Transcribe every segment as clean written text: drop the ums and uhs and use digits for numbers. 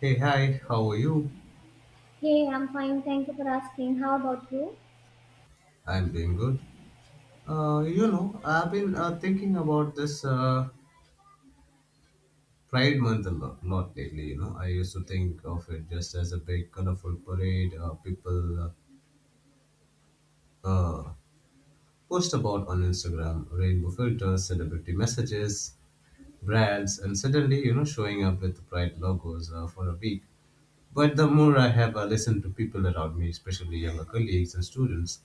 Hey, hi, how are you? Hey, I'm fine. Thank you for asking. How about you? I'm doing good. You know, I've been thinking about this Pride Month a lot lately. You know, I used to think of it just as a big, colorful parade people uh, post about on Instagram, rainbow filters, celebrity messages, brands, and suddenly, you know, showing up with Pride logos for a week. But the more I have listened to people around me, especially younger colleagues and students,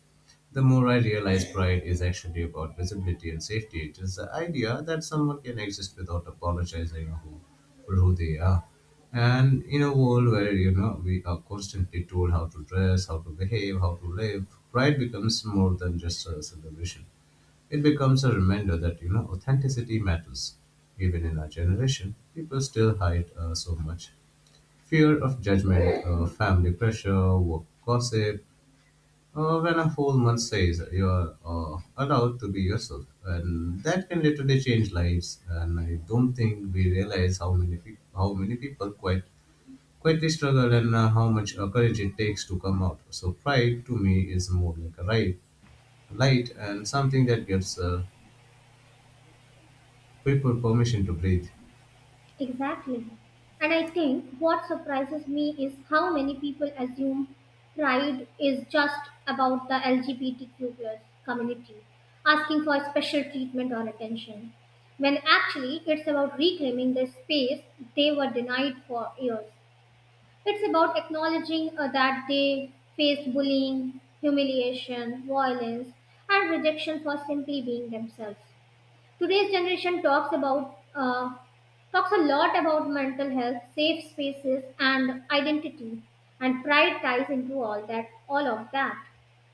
the more I realize pride is actually about visibility and safety. It is the idea that someone can exist without apologizing for who they are. And in a world where you know we are constantly told how to dress, how to behave, how to live, pride becomes more than just a celebration. It becomes a reminder that you know authenticity matters. Even in our generation, people still hide so much. Fear of judgment, family pressure, work gossip, when a whole month says you're allowed to be yourself. And that can literally change lives. And I don't think we realize how many people quite quietly struggle and how much courage it takes to come out. So pride to me is more like a light and something that gives people permission to breathe. Exactly. And I think what surprises me is how many people assume pride is just about the LGBTQ plus community, asking for special treatment or attention, when actually it's about reclaiming the space they were denied for years. It's about acknowledging that they faced bullying, humiliation, violence, and rejection for simply being themselves. Today's generation talks a lot about mental health, safe spaces, and identity, and pride ties into all of that.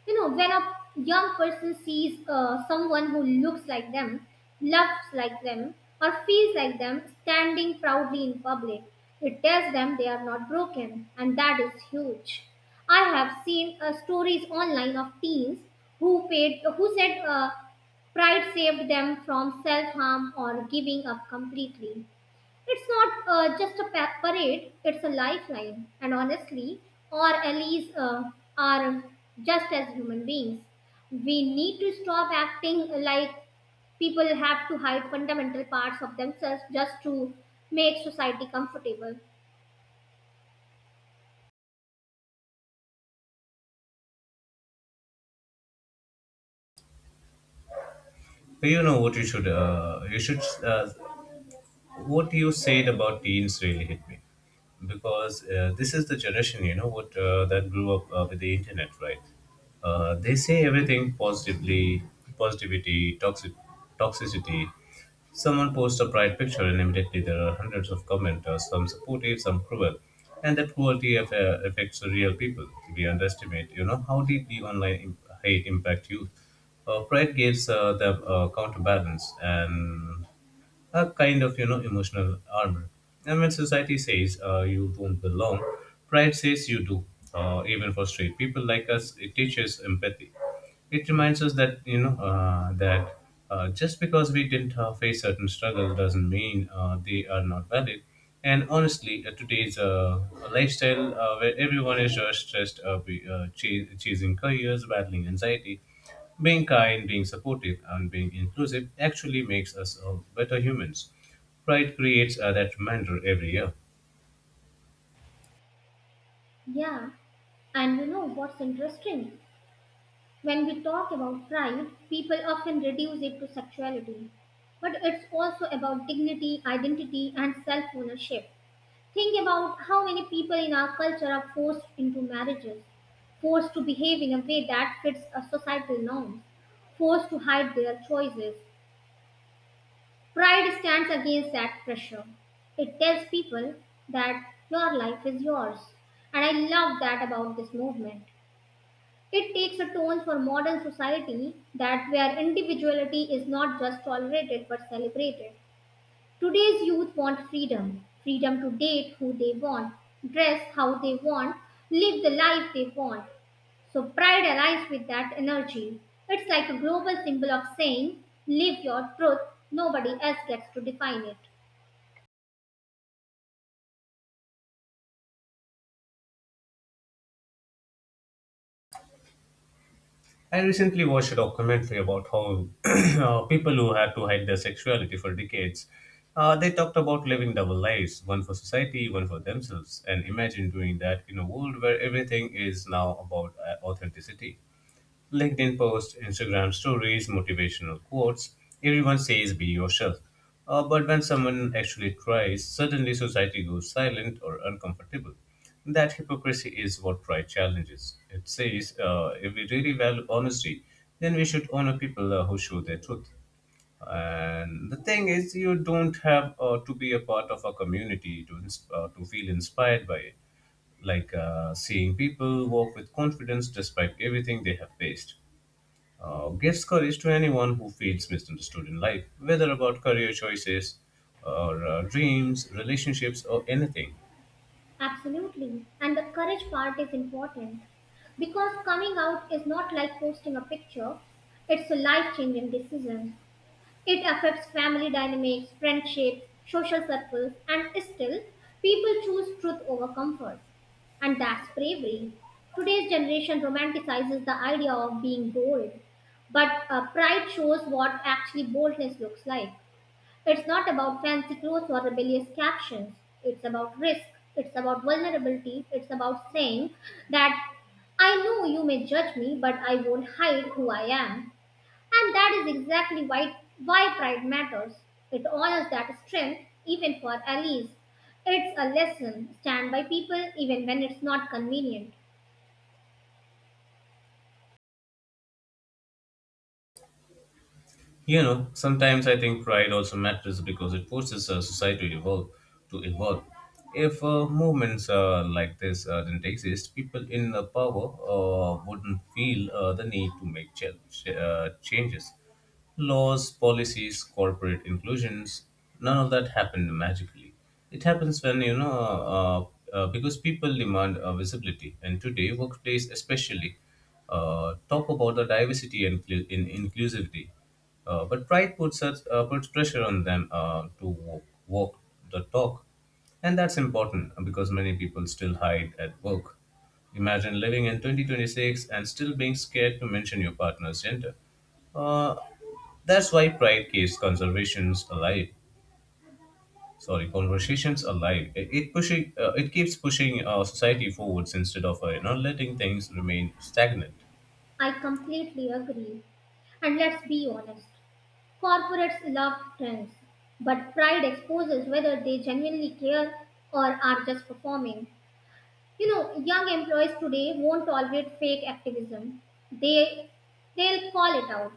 You know, when a young person sees someone who looks like them, loves like them, or feels like them standing proudly in public, it tells them they are not broken, and that is huge. I have seen stories online of teens who said Pride saved them from self harm or giving up completely. It's not just a parade, it's a lifeline. And honestly, our allies are just as human beings. We need to stop acting like people have to hide fundamental parts of themselves just to make society comfortable. You know what you should what you said about teens really hit me because this is the generation you know what that grew up with the internet, right? They say everything positively positivity toxicity. Someone posts a pride picture and immediately there are hundreds of commenters, some supportive, some cruel, and that cruelty affects the real people. We underestimate you know how deeply online hate impact youth. Pride gives them a counterbalance and a kind of you know emotional armor. And when society says you don't belong, pride says you do. Even for straight people like us, it teaches empathy. It reminds us that you know that just because we didn't face certain struggle doesn't mean they are not valid. And honestly today's lifestyle where everyone is just stressed chasing careers, battling anxiety, being kind, being supportive, and being inclusive actually makes us better humans. Pride creates that reminder every year. Yeah, and you know what's interesting? When we talk about pride, people often reduce it to sexuality. But it's also about dignity, identity, and self ownership. Think about how many people in our culture are forced into marriages, forced to behave in a way that fits a societal norms, forced to hide their choices. Pride stands against that pressure. It tells people that your life is yours. And I love that about this movement. It takes a tone for modern society that where individuality is not just tolerated but celebrated. Today's youth want freedom to date who they want, dress how they want, live the life they want. So pride aligns with that energy. It's like a global symbol of saying, live your truth, nobody else gets to define it. I recently watched a documentary about how people who had to hide their sexuality for decades, they talked about living double lives, one for society, one for themselves, and imagine doing that in a world where everything is now about authenticity. LinkedIn posts, Instagram stories, motivational quotes. Everyone says be yourself. But when someone actually tries, suddenly society goes silent or uncomfortable. That hypocrisy is what pride challenges. It says if we really value honesty, then we should honor people who show their truth. And the thing is, you don't have to be a part of a community to to feel inspired by it. Like seeing people walk with confidence despite everything they have faced. Gives courage to anyone who feels misunderstood in life, whether about career choices or dreams, relationships, or anything. Absolutely. And the courage part is important because coming out is not like posting a picture, it's a life changing decision. It affects family dynamics, friendships, social circles, and still, people choose truth over comfort. And that's bravery. Today's generation romanticizes the idea of being bold, but pride shows what actually boldness looks like. It's not about fancy clothes or rebellious captions. It's about risk. It's about vulnerability. It's about saying that I know you may judge me, but I won't hide who I am. And that is exactly why pride matters. It honors that strength, even for allies. It's a lesson. Stand by people even when it's not convenient. You know, sometimes I think pride also matters because it forces society to evolve. To evolve, if movements like this didn't exist, people in power wouldn't feel the need to make changes. Laws, policies, corporate inclusions, none of that happened magically. It happens when you know, because people demand visibility, and today workplace especially talk about the diversity and inclu- in inclusivity, but pride puts such puts pressure on them to walk the talk, and that's important because many people still hide at work. Imagine living in 2026 and still being scared to mention your partner's gender. Uh, that's why pride keeps conservations alive. Sorry, conversations alive. It pushing it keeps pushing society forwards instead of you know letting things remain stagnant. I completely agree. And let's be honest. Corporates love trends, but pride exposes whether they genuinely care or are just performing. You know, young employees today won't tolerate fake activism. They they'll call it out.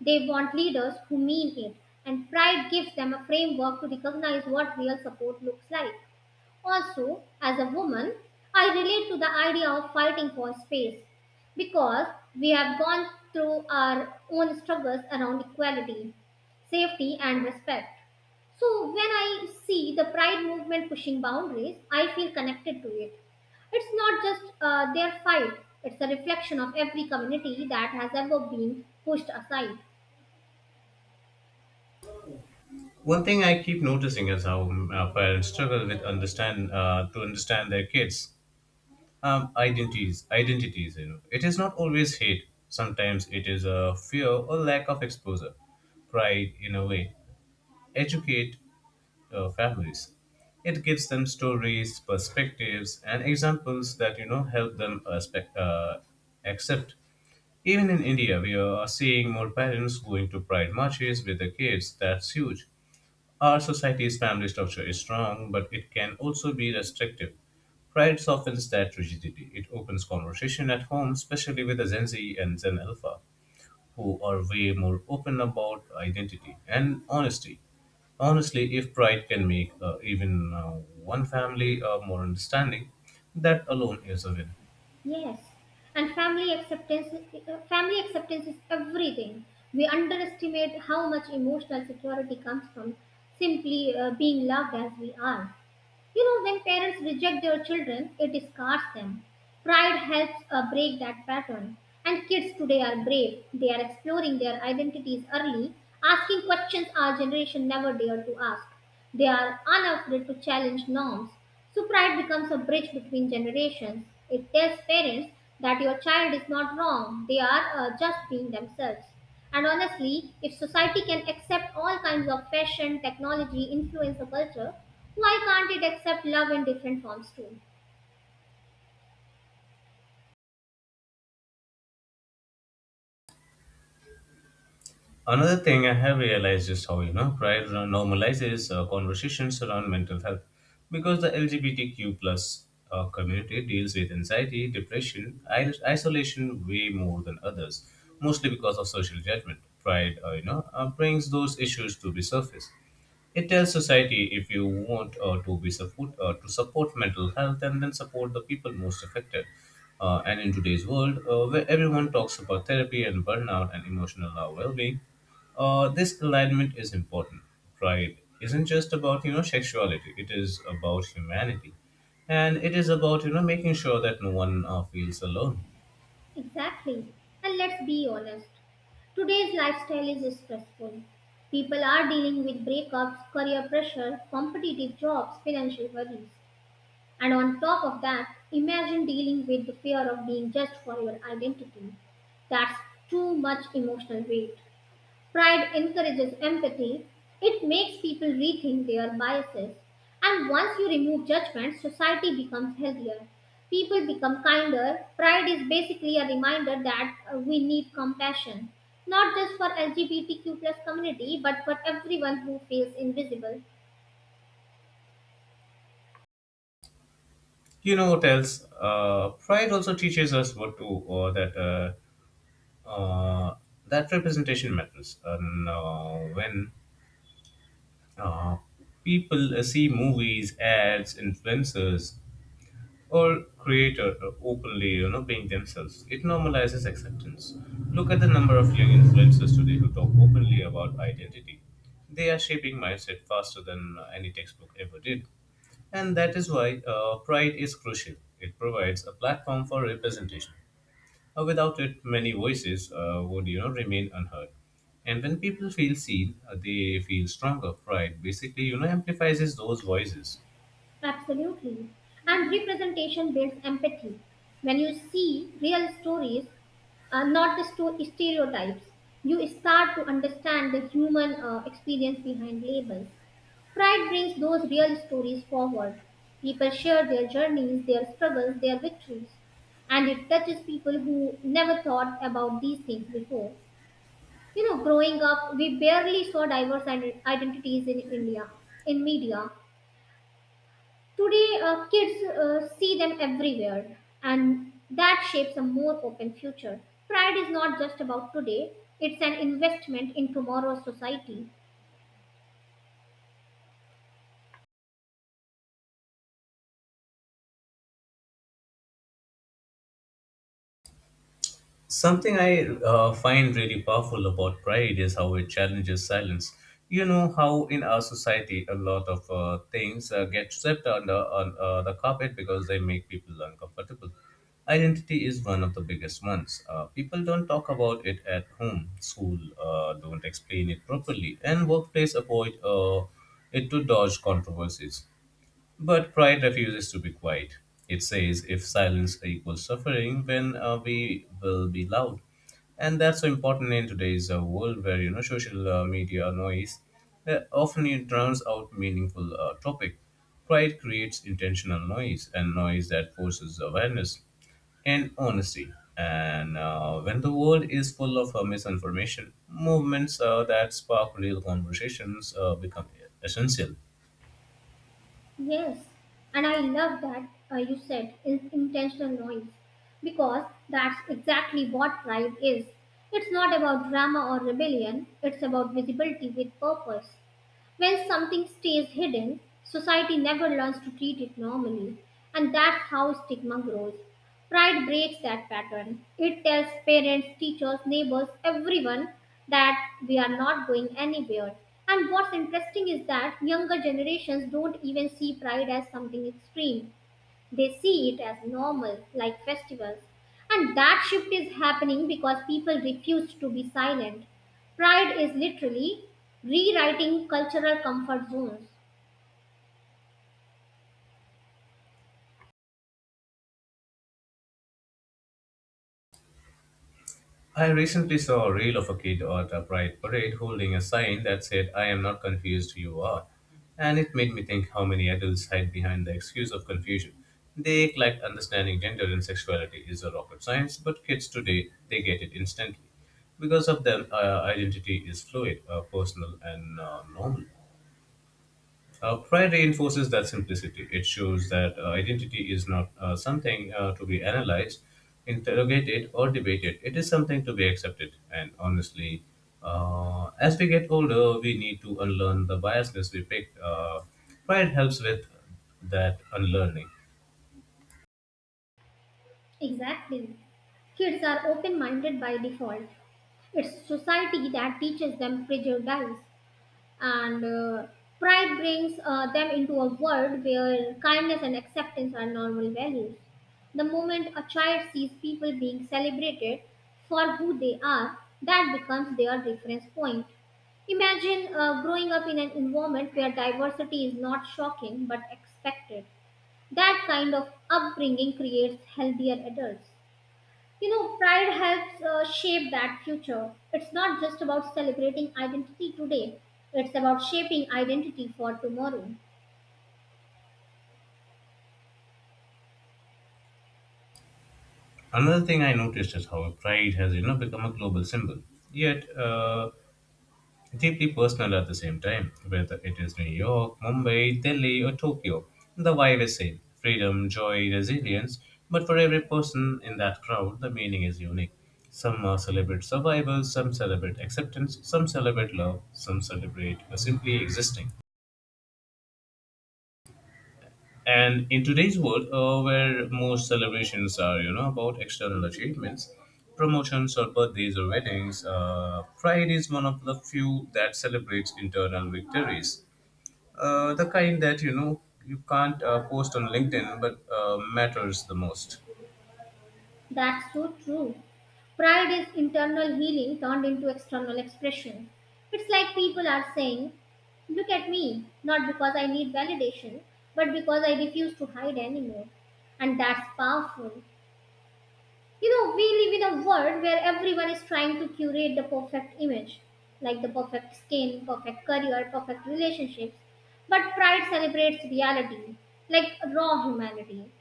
They want leaders who mean it, and pride gives them a framework to recognize what real support looks like. Also, as a woman, I relate to the idea of fighting for space because we have gone through our own struggles around equality, safety, and respect. So, when I see the pride movement pushing boundaries, I feel connected to it. It's not just their fight, it's a reflection of every community that has ever been pushed aside. One thing I keep noticing is how parents struggle with understand to understand their kids' identities. Identities, you know, it is not always hate. Sometimes it is a fear or lack of exposure. Pride, in a way, educate families. It gives them stories, perspectives, and examples that you know help them accept. Even in India, we are seeing more parents going to pride marches with their kids. That's huge. Our society's family structure is strong, but it can also be restrictive. Pride softens that rigidity. It opens conversation at home, especially with the Gen Z and Gen Alpha, who are way more open about identity and honesty. Honestly, if pride can make even one family more understanding, that alone is a win. Yes, and family acceptance is everything. We underestimate how much emotional security comes from simply being loved as we are. You know, when parents reject their children, it scars them. Pride helps break that pattern. And kids today are brave. They are exploring their identities early, asking questions our generation never dared to ask. They are unafraid to challenge norms. So, pride becomes a bridge between generations. It tells parents that your child is not wrong, they are just being themselves. And honestly, if society can accept all kinds of fashion, technology, influencer culture, why can't it accept love in different forms too? Another thing I have realized is how you know pride normalizes conversations around mental health, because the LGBTQ plus community deals with anxiety, depression, isolation way more than others, mostly because of social judgment. Pride, you know, brings those issues to the surface. It tells society if you want to support mental health, and then support the people most affected. And in today's world, where everyone talks about therapy and burnout and emotional well-being, this alignment is important. Pride isn't just about you know sexuality; it is about humanity, and it is about you know making sure that no one feels alone. Exactly. And let's be honest. Today's lifestyle is stressful. People are dealing with breakups, career pressure, competitive jobs, financial worries. And on top of that, imagine dealing with the fear of being judged for your identity. That's too much emotional weight. Pride encourages empathy, it makes people rethink their biases, and once you remove judgment, society becomes healthier. People become kinder. Pride is basically a reminder that we need compassion, not just for LGBTQ plus community, but for everyone who feels invisible. You know what else? Pride also teaches us what to or that uh, that representation matters. And when uh, people see movies, ads, influencers, or creator openly, you know, being themselves, it normalizes acceptance. Look at the number of young influencers today who talk openly about identity. They are shaping mindset faster than any textbook ever did. And that is why Pride is crucial. It provides a platform for representation. Without it, many voices would you know remain unheard. And when people feel seen, they feel stronger. Pride basically you know amplifies those voices. Absolutely. And representation builds empathy. When you see real stories, not the stereotypes. You start to understand the human experience behind labels. Pride brings those real stories forward. People share their journeys, their struggles, their victories, and it touches people who never thought about these things before. You know, growing up, we barely saw diverse identities in India, in media. Today, kids see them everywhere, and that shapes a more open future. Pride is not just about today, it's an investment in tomorrow's society. Something I find really powerful about pride is how it challenges silence. You know how in our society a lot of things get swept under the carpet because they make people uncomfortable. Identity is one of the biggest ones. People don't talk about it at home, school, don't explain it properly, and workplace avoid it to dodge controversies. But pride refuses to be quiet. It says if silence equals suffering, then we will be loud. And that's so important in today's world where you know social media noise often it drowns out meaningful topic. Pride creates intentional noise, and noise that forces awareness and honesty. And when the world is full of misinformation, movements that spark real conversations become essential. Yes, and I love that you said intentional noise because that's exactly what pride is. It's not about drama or rebellion, it's about visibility with purpose. When something stays hidden, society never learns to treat it normally, and that's how stigma grows. Pride breaks that pattern. It tells parents, teachers, neighbors, everyone that we are not going anywhere. And what's interesting is that younger generations don't even see pride as something extreme. They see it as normal, like festivals. And that shift is happening because people refuse to be silent. Pride is literally rewriting cultural comfort zones. I recently saw a reel of a kid at a pride parade holding a sign that said, I am not confused, you are. And it made me think how many adults hide behind the excuse of confusion. They act like understanding gender and sexuality is a rocket science, but kids today, they get it instantly. Because of them, identity is fluid, personal, and normal. Pride reinforces that simplicity. It shows that identity is not something to be analyzed, interrogated, or debated. It is something to be accepted. And honestly, as we get older, we need to unlearn the biasness we picked. Pride helps with that unlearning. Exactly. Kids are open minded by default. It's society that teaches them prejudice. And Pride brings them into a world where kindness and acceptance are normal values. The moment a child sees people being celebrated for who they are, that becomes their reference point. Imagine growing up in an environment where diversity is not shocking but expected. That kind of upbringing creates healthier adults. You know, pride helps shape that future. It's not just about celebrating identity today, it's about shaping identity for tomorrow. Another thing I noticed is how pride has you know become a global symbol. Yet deeply personal at the same time. Whether it is New York, Mumbai, Delhi, or Tokyo, the vibe is same freedom, joy, resilience. But for every person in that crowd, the meaning is unique. Some celebrate survival, some celebrate acceptance, some celebrate love, some celebrate simply existing. And in today's world, where most celebrations are, you know, about external achievements, promotions or birthdays or weddings, Pride is one of the few that celebrates internal victories. The kind that you know you can't post on LinkedIn, but matters the most. That's so true. Pride is internal healing turned into external expression. It's like people are saying, look at me, not because I need validation, but because I refuse to hide anymore. And that's powerful. You know, we live in a world where everyone is trying to curate the perfect image, like the perfect skin, perfect career, perfect relationships. But pride celebrates reality, like raw humanity,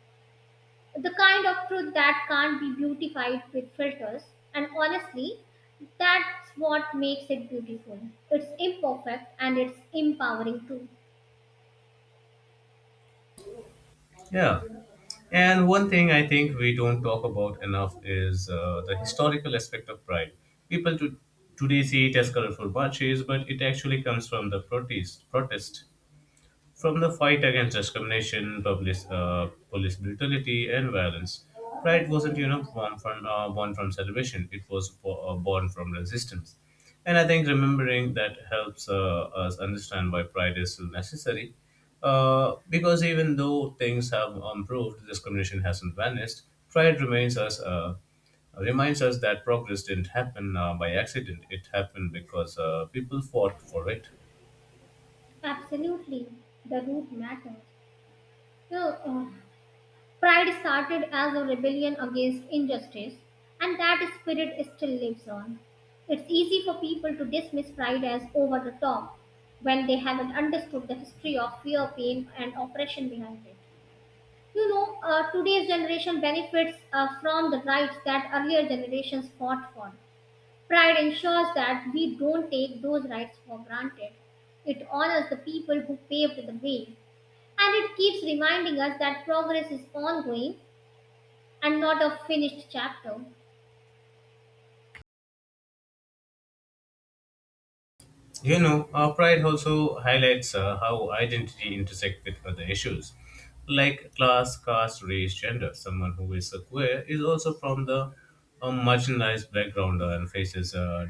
the kind of truth that can't be beautified with filters. And honestly, that's what makes it beautiful. It's imperfect and it's empowering too. Yeah, and one thing I think we don't talk about enough is the historical aspect of pride. People to, today see it as colorful marches, but it actually comes from the protest. From the fight against discrimination, police brutality, and violence, pride wasn't you know born from celebration. It was born from resistance, and I think remembering that helps us understand why pride is still necessary. Because even though things have improved, discrimination hasn't vanished. Pride remains us. Reminds us that progress didn't happen by accident. It happened because people fought for it. Absolutely, the root matters. You know, uh, Pride started as a rebellion against injustice, and that spirit still lives on. It's easy for people to dismiss pride as over the top when they haven't understood the history of fear, pain, and oppression behind it. You know, today's generation benefits from the rights that earlier generations fought for. Pride ensures that we don't take those rights for granted. It honors the people who paved the way, and it keeps reminding us that progress is ongoing and not a finished chapter. Pride also highlights how identity intersect with other issues, like class, caste, race, gender. Someone who is a queer is also from the marginalized background and faces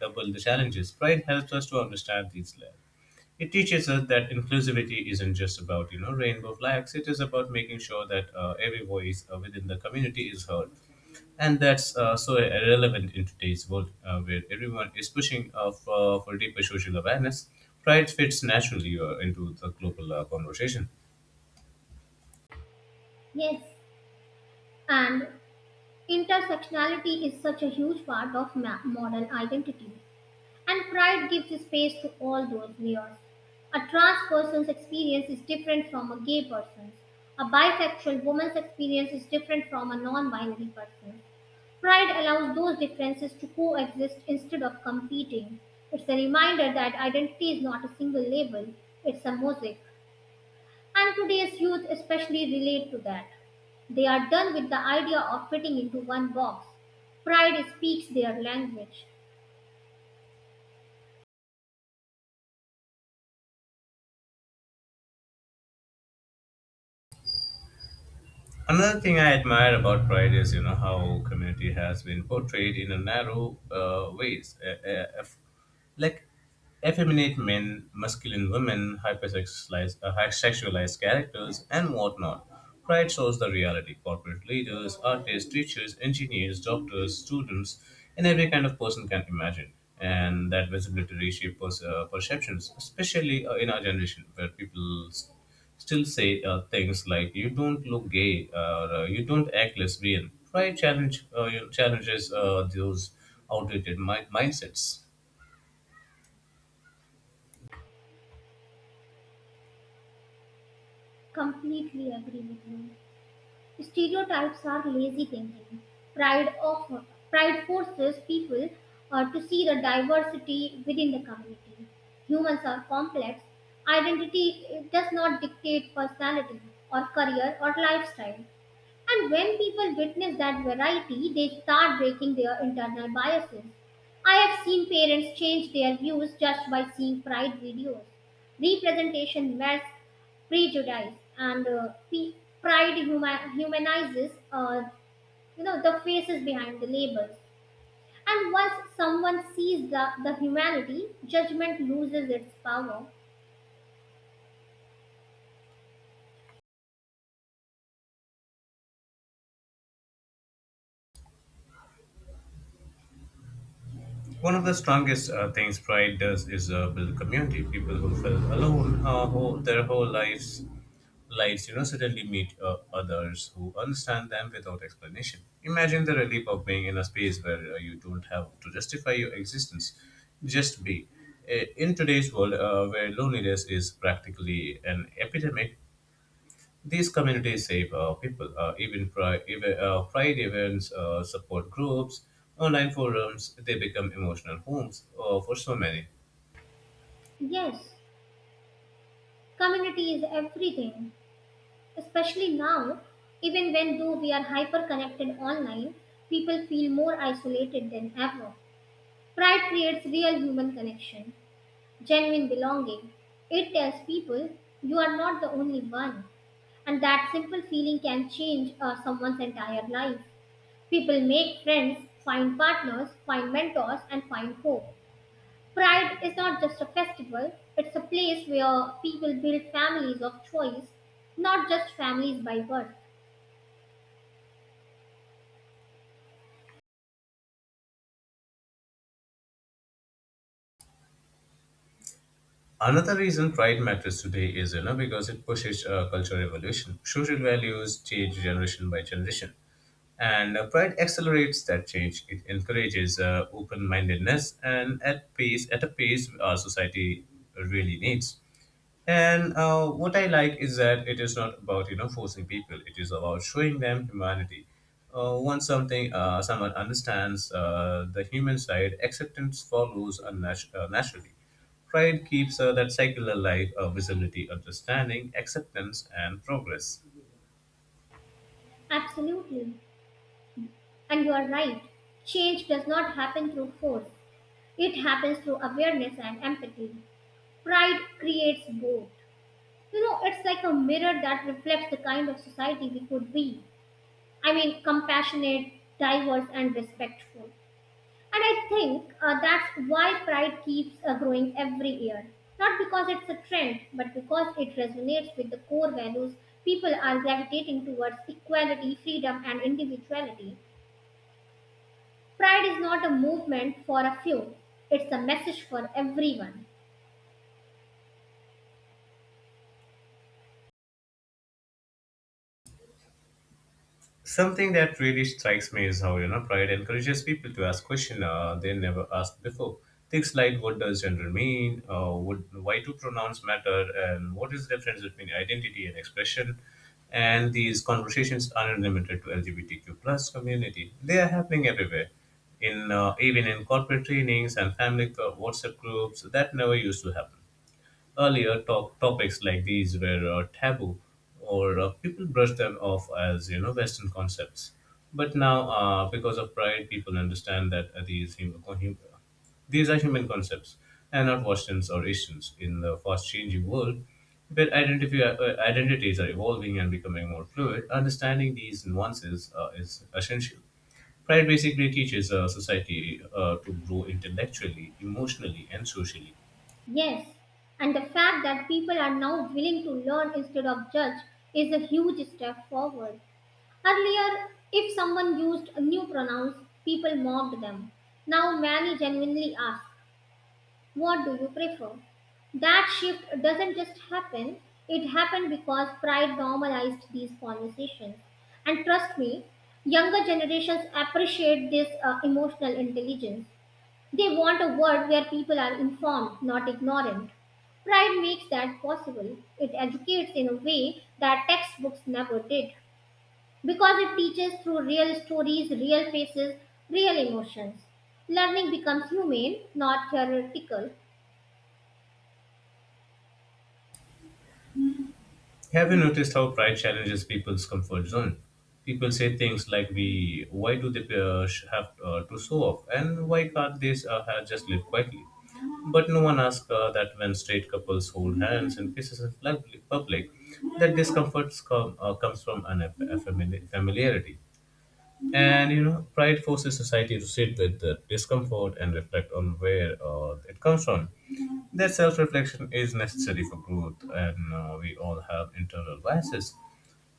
double the challenges. Pride helps us to understand these layers. It teaches us that inclusivity isn't just about rainbow flags. It is about making sure that every voice within the community is heard, and that's so relevant in today's world where everyone is pushing for deeper social awareness. Pride fits naturally into the global conversation. Yes, and intersectionality is such a huge part of modern identity, and pride gives space to all those layers. A trans person's experience is different from a gay person's. A bisexual woman's experience is different from a non binary person. Pride allows those differences to coexist instead of competing. It's a reminder that identity is not a single label, it's a mosaic. And today's youth especially relate to that. They are done with the idea of fitting into one box. Pride speaks their language. Another thing I admire about Pride is, how community has been portrayed in a narrow ways, like effeminate men, masculine women, hypersexualized, sexualized characters, and whatnot. Pride shows the reality. Corporate leaders, artists, teachers, engineers, doctors, students, and every kind of person can imagine. And that visibility reshapes perceptions, especially in our generation, where people still say things like "you don't look gay" or "you don't act lesbian." Pride challenges those outdated mindsets. Completely agree with you. Stereotypes are lazy thinking. Pride of Pride forces people to see the diversity within the community. Humans are complex. Identity does not dictate personality or career or lifestyle. And when people witness that variety, they start breaking their internal biases. I have seen parents change their views just by seeing pride videos. Representation masks prejudice, and pride humanizes, the faces behind the labels. And once someone sees the humanity, judgment loses its power. One of the strongest things pride does is build community. People who feel alone who, their whole lives, suddenly meet others who understand them without explanation. Imagine the relief of being in a space where you don't have to justify your existence, just be. In today's world, where loneliness is practically an epidemic, these communities save people, even, pri- even pride events, support groups, online forums, they become emotional homes for so many. Yes, community is everything. Especially now, even when though we are hyper connected online, people feel more isolated than ever. Pride creates real human connection, genuine belonging. It tells people you are not the only one. And that simple feeling can change someone's entire life. People make friends, find partners, find mentors, and find hope. Pride is not just a festival, it's a place where people build families of choice, not just families by birth. Another reason pride matters today is because it pushes cultural evolution. Social values change generation by generation. And Pride accelerates that change. It encourages open mindedness and at a pace our society really needs. And What I like is that it is not about forcing people. It is about showing them humanity. Once something someone understands the human side, acceptance follows naturally. Pride keeps that cycle alive: visibility, understanding, acceptance, and progress. Absolutely. And you are right. Change does not happen through force, it happens through awareness and empathy. Pride creates both. You know, it's like a mirror that reflects the kind of society we could be. I mean, compassionate, diverse, and respectful. And I think that's why pride keeps growing every year. Not because it's a trend, but because it resonates with the core values people are gravitating towards equality, freedom, and individuality. Pride is not a movement for a few, it's a message for everyone. Something that really strikes me is how pride encourages people to ask questions they never asked before. Things like what does gender mean, why do pronouns matter, and what is the difference between identity and expression. And these conversations aren't limited to LGBTQ plus community; they are happening everywhere, in even in corporate trainings and family WhatsApp groups that never used to happen. Earlier, topics like these were taboo, or people brushed them off as Western concepts. But now, because of pride, people understand that these are human concepts and not questions or issues. In the fast-changing world, where identities are evolving and becoming more fluid, understanding these nuances is essential. Pride basically teaches a society to grow intellectually, emotionally, and socially. Yes, and the fact that people are now willing to learn instead of judge is a huge step forward. Earlier, if someone used new pronouns, people mocked them. Now, many genuinely ask, what do you prefer? That shift doesn't just happen, it happened because pride normalized these conversations. And trust me, younger generations appreciate this emotional intelligence. They want a world where people are informed, not ignorant. Pride makes that possible. It educates in a way that textbooks never did because it teaches through real stories, real faces, real emotions. Learning becomes humane, not theoretical. Have you noticed how pride challenges people's comfort zone? People say things like, " why do they have to show off, and why can't they have just live quietly?" But no one asks that when straight couples hold hands and kisses in public. That discomfort comes from an familiarity. And pride forces society to sit with the discomfort and reflect on where it comes from. That self reflection is necessary for growth, and we all have internal biases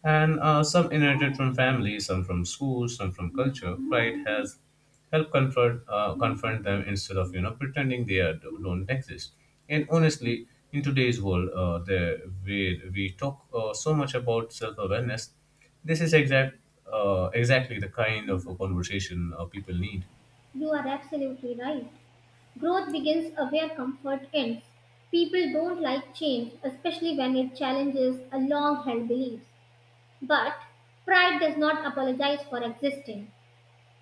and some inherited from family, some from school, some from culture. Pride has helped confront them instead of pretending don't exist. And honestly, in today's world, there we talk so much about self awareness. This is exactly the kind of a conversation people need. You are absolutely right. Growth begins where comfort ends. People don't like change, especially when it challenges a long held beliefs. But pride does not apologize for existing.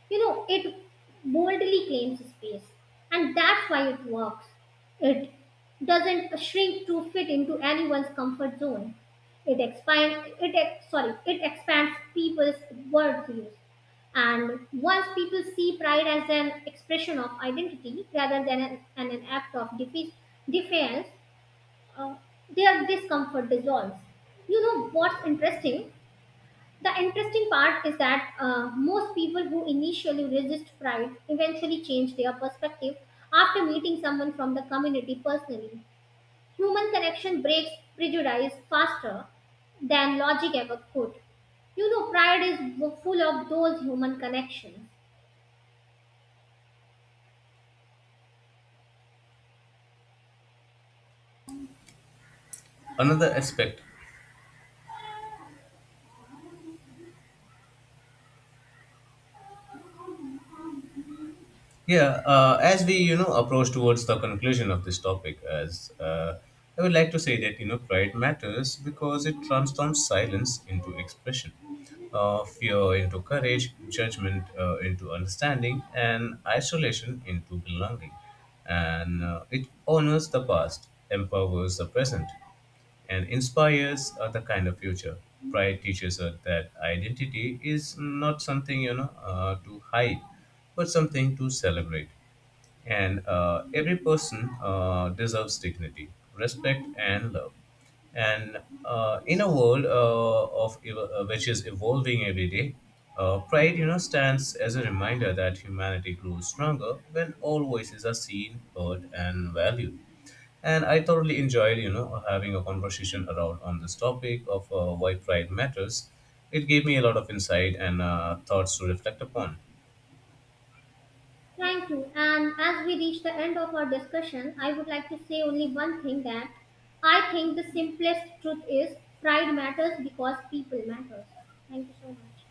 You know, it boldly claims space, and that's why it works. It doesn't shrink to fit into anyone's comfort zone. It expands. It ex- sorry. It expands people's worldviews. And once people see pride as an expression of identity rather than an act of defiance, uh, their discomfort dissolves. You know what's interesting? The interesting part is that most people who initially resist Pride eventually change their perspective after meeting someone from the community personally. Human connection breaks prejudice faster than logic ever could. You know, Pride is full of those human connections. Another aspect Yeah, as we approach towards the conclusion of this topic, as I would like to say that pride matters because it transforms silence into expression, fear into courage, judgment into understanding, and isolation into belonging, and it honors the past, empowers the present, and inspires the kind of future. Pride teaches us that identity is not something to hide, but something to celebrate. And every person deserves dignity, respect, and love. And in a world which is evolving every day, pride, stands as a reminder that humanity grows stronger when all voices are seen, heard, and valued. And I thoroughly enjoyed having a conversation around on this topic of why pride matters. It gave me a lot of insight and thoughts to reflect upon. Thank you. And as we reach the end of our discussion, I would like to say only one thing that I think the simplest truth is pride matters because people matter. Thank you so much.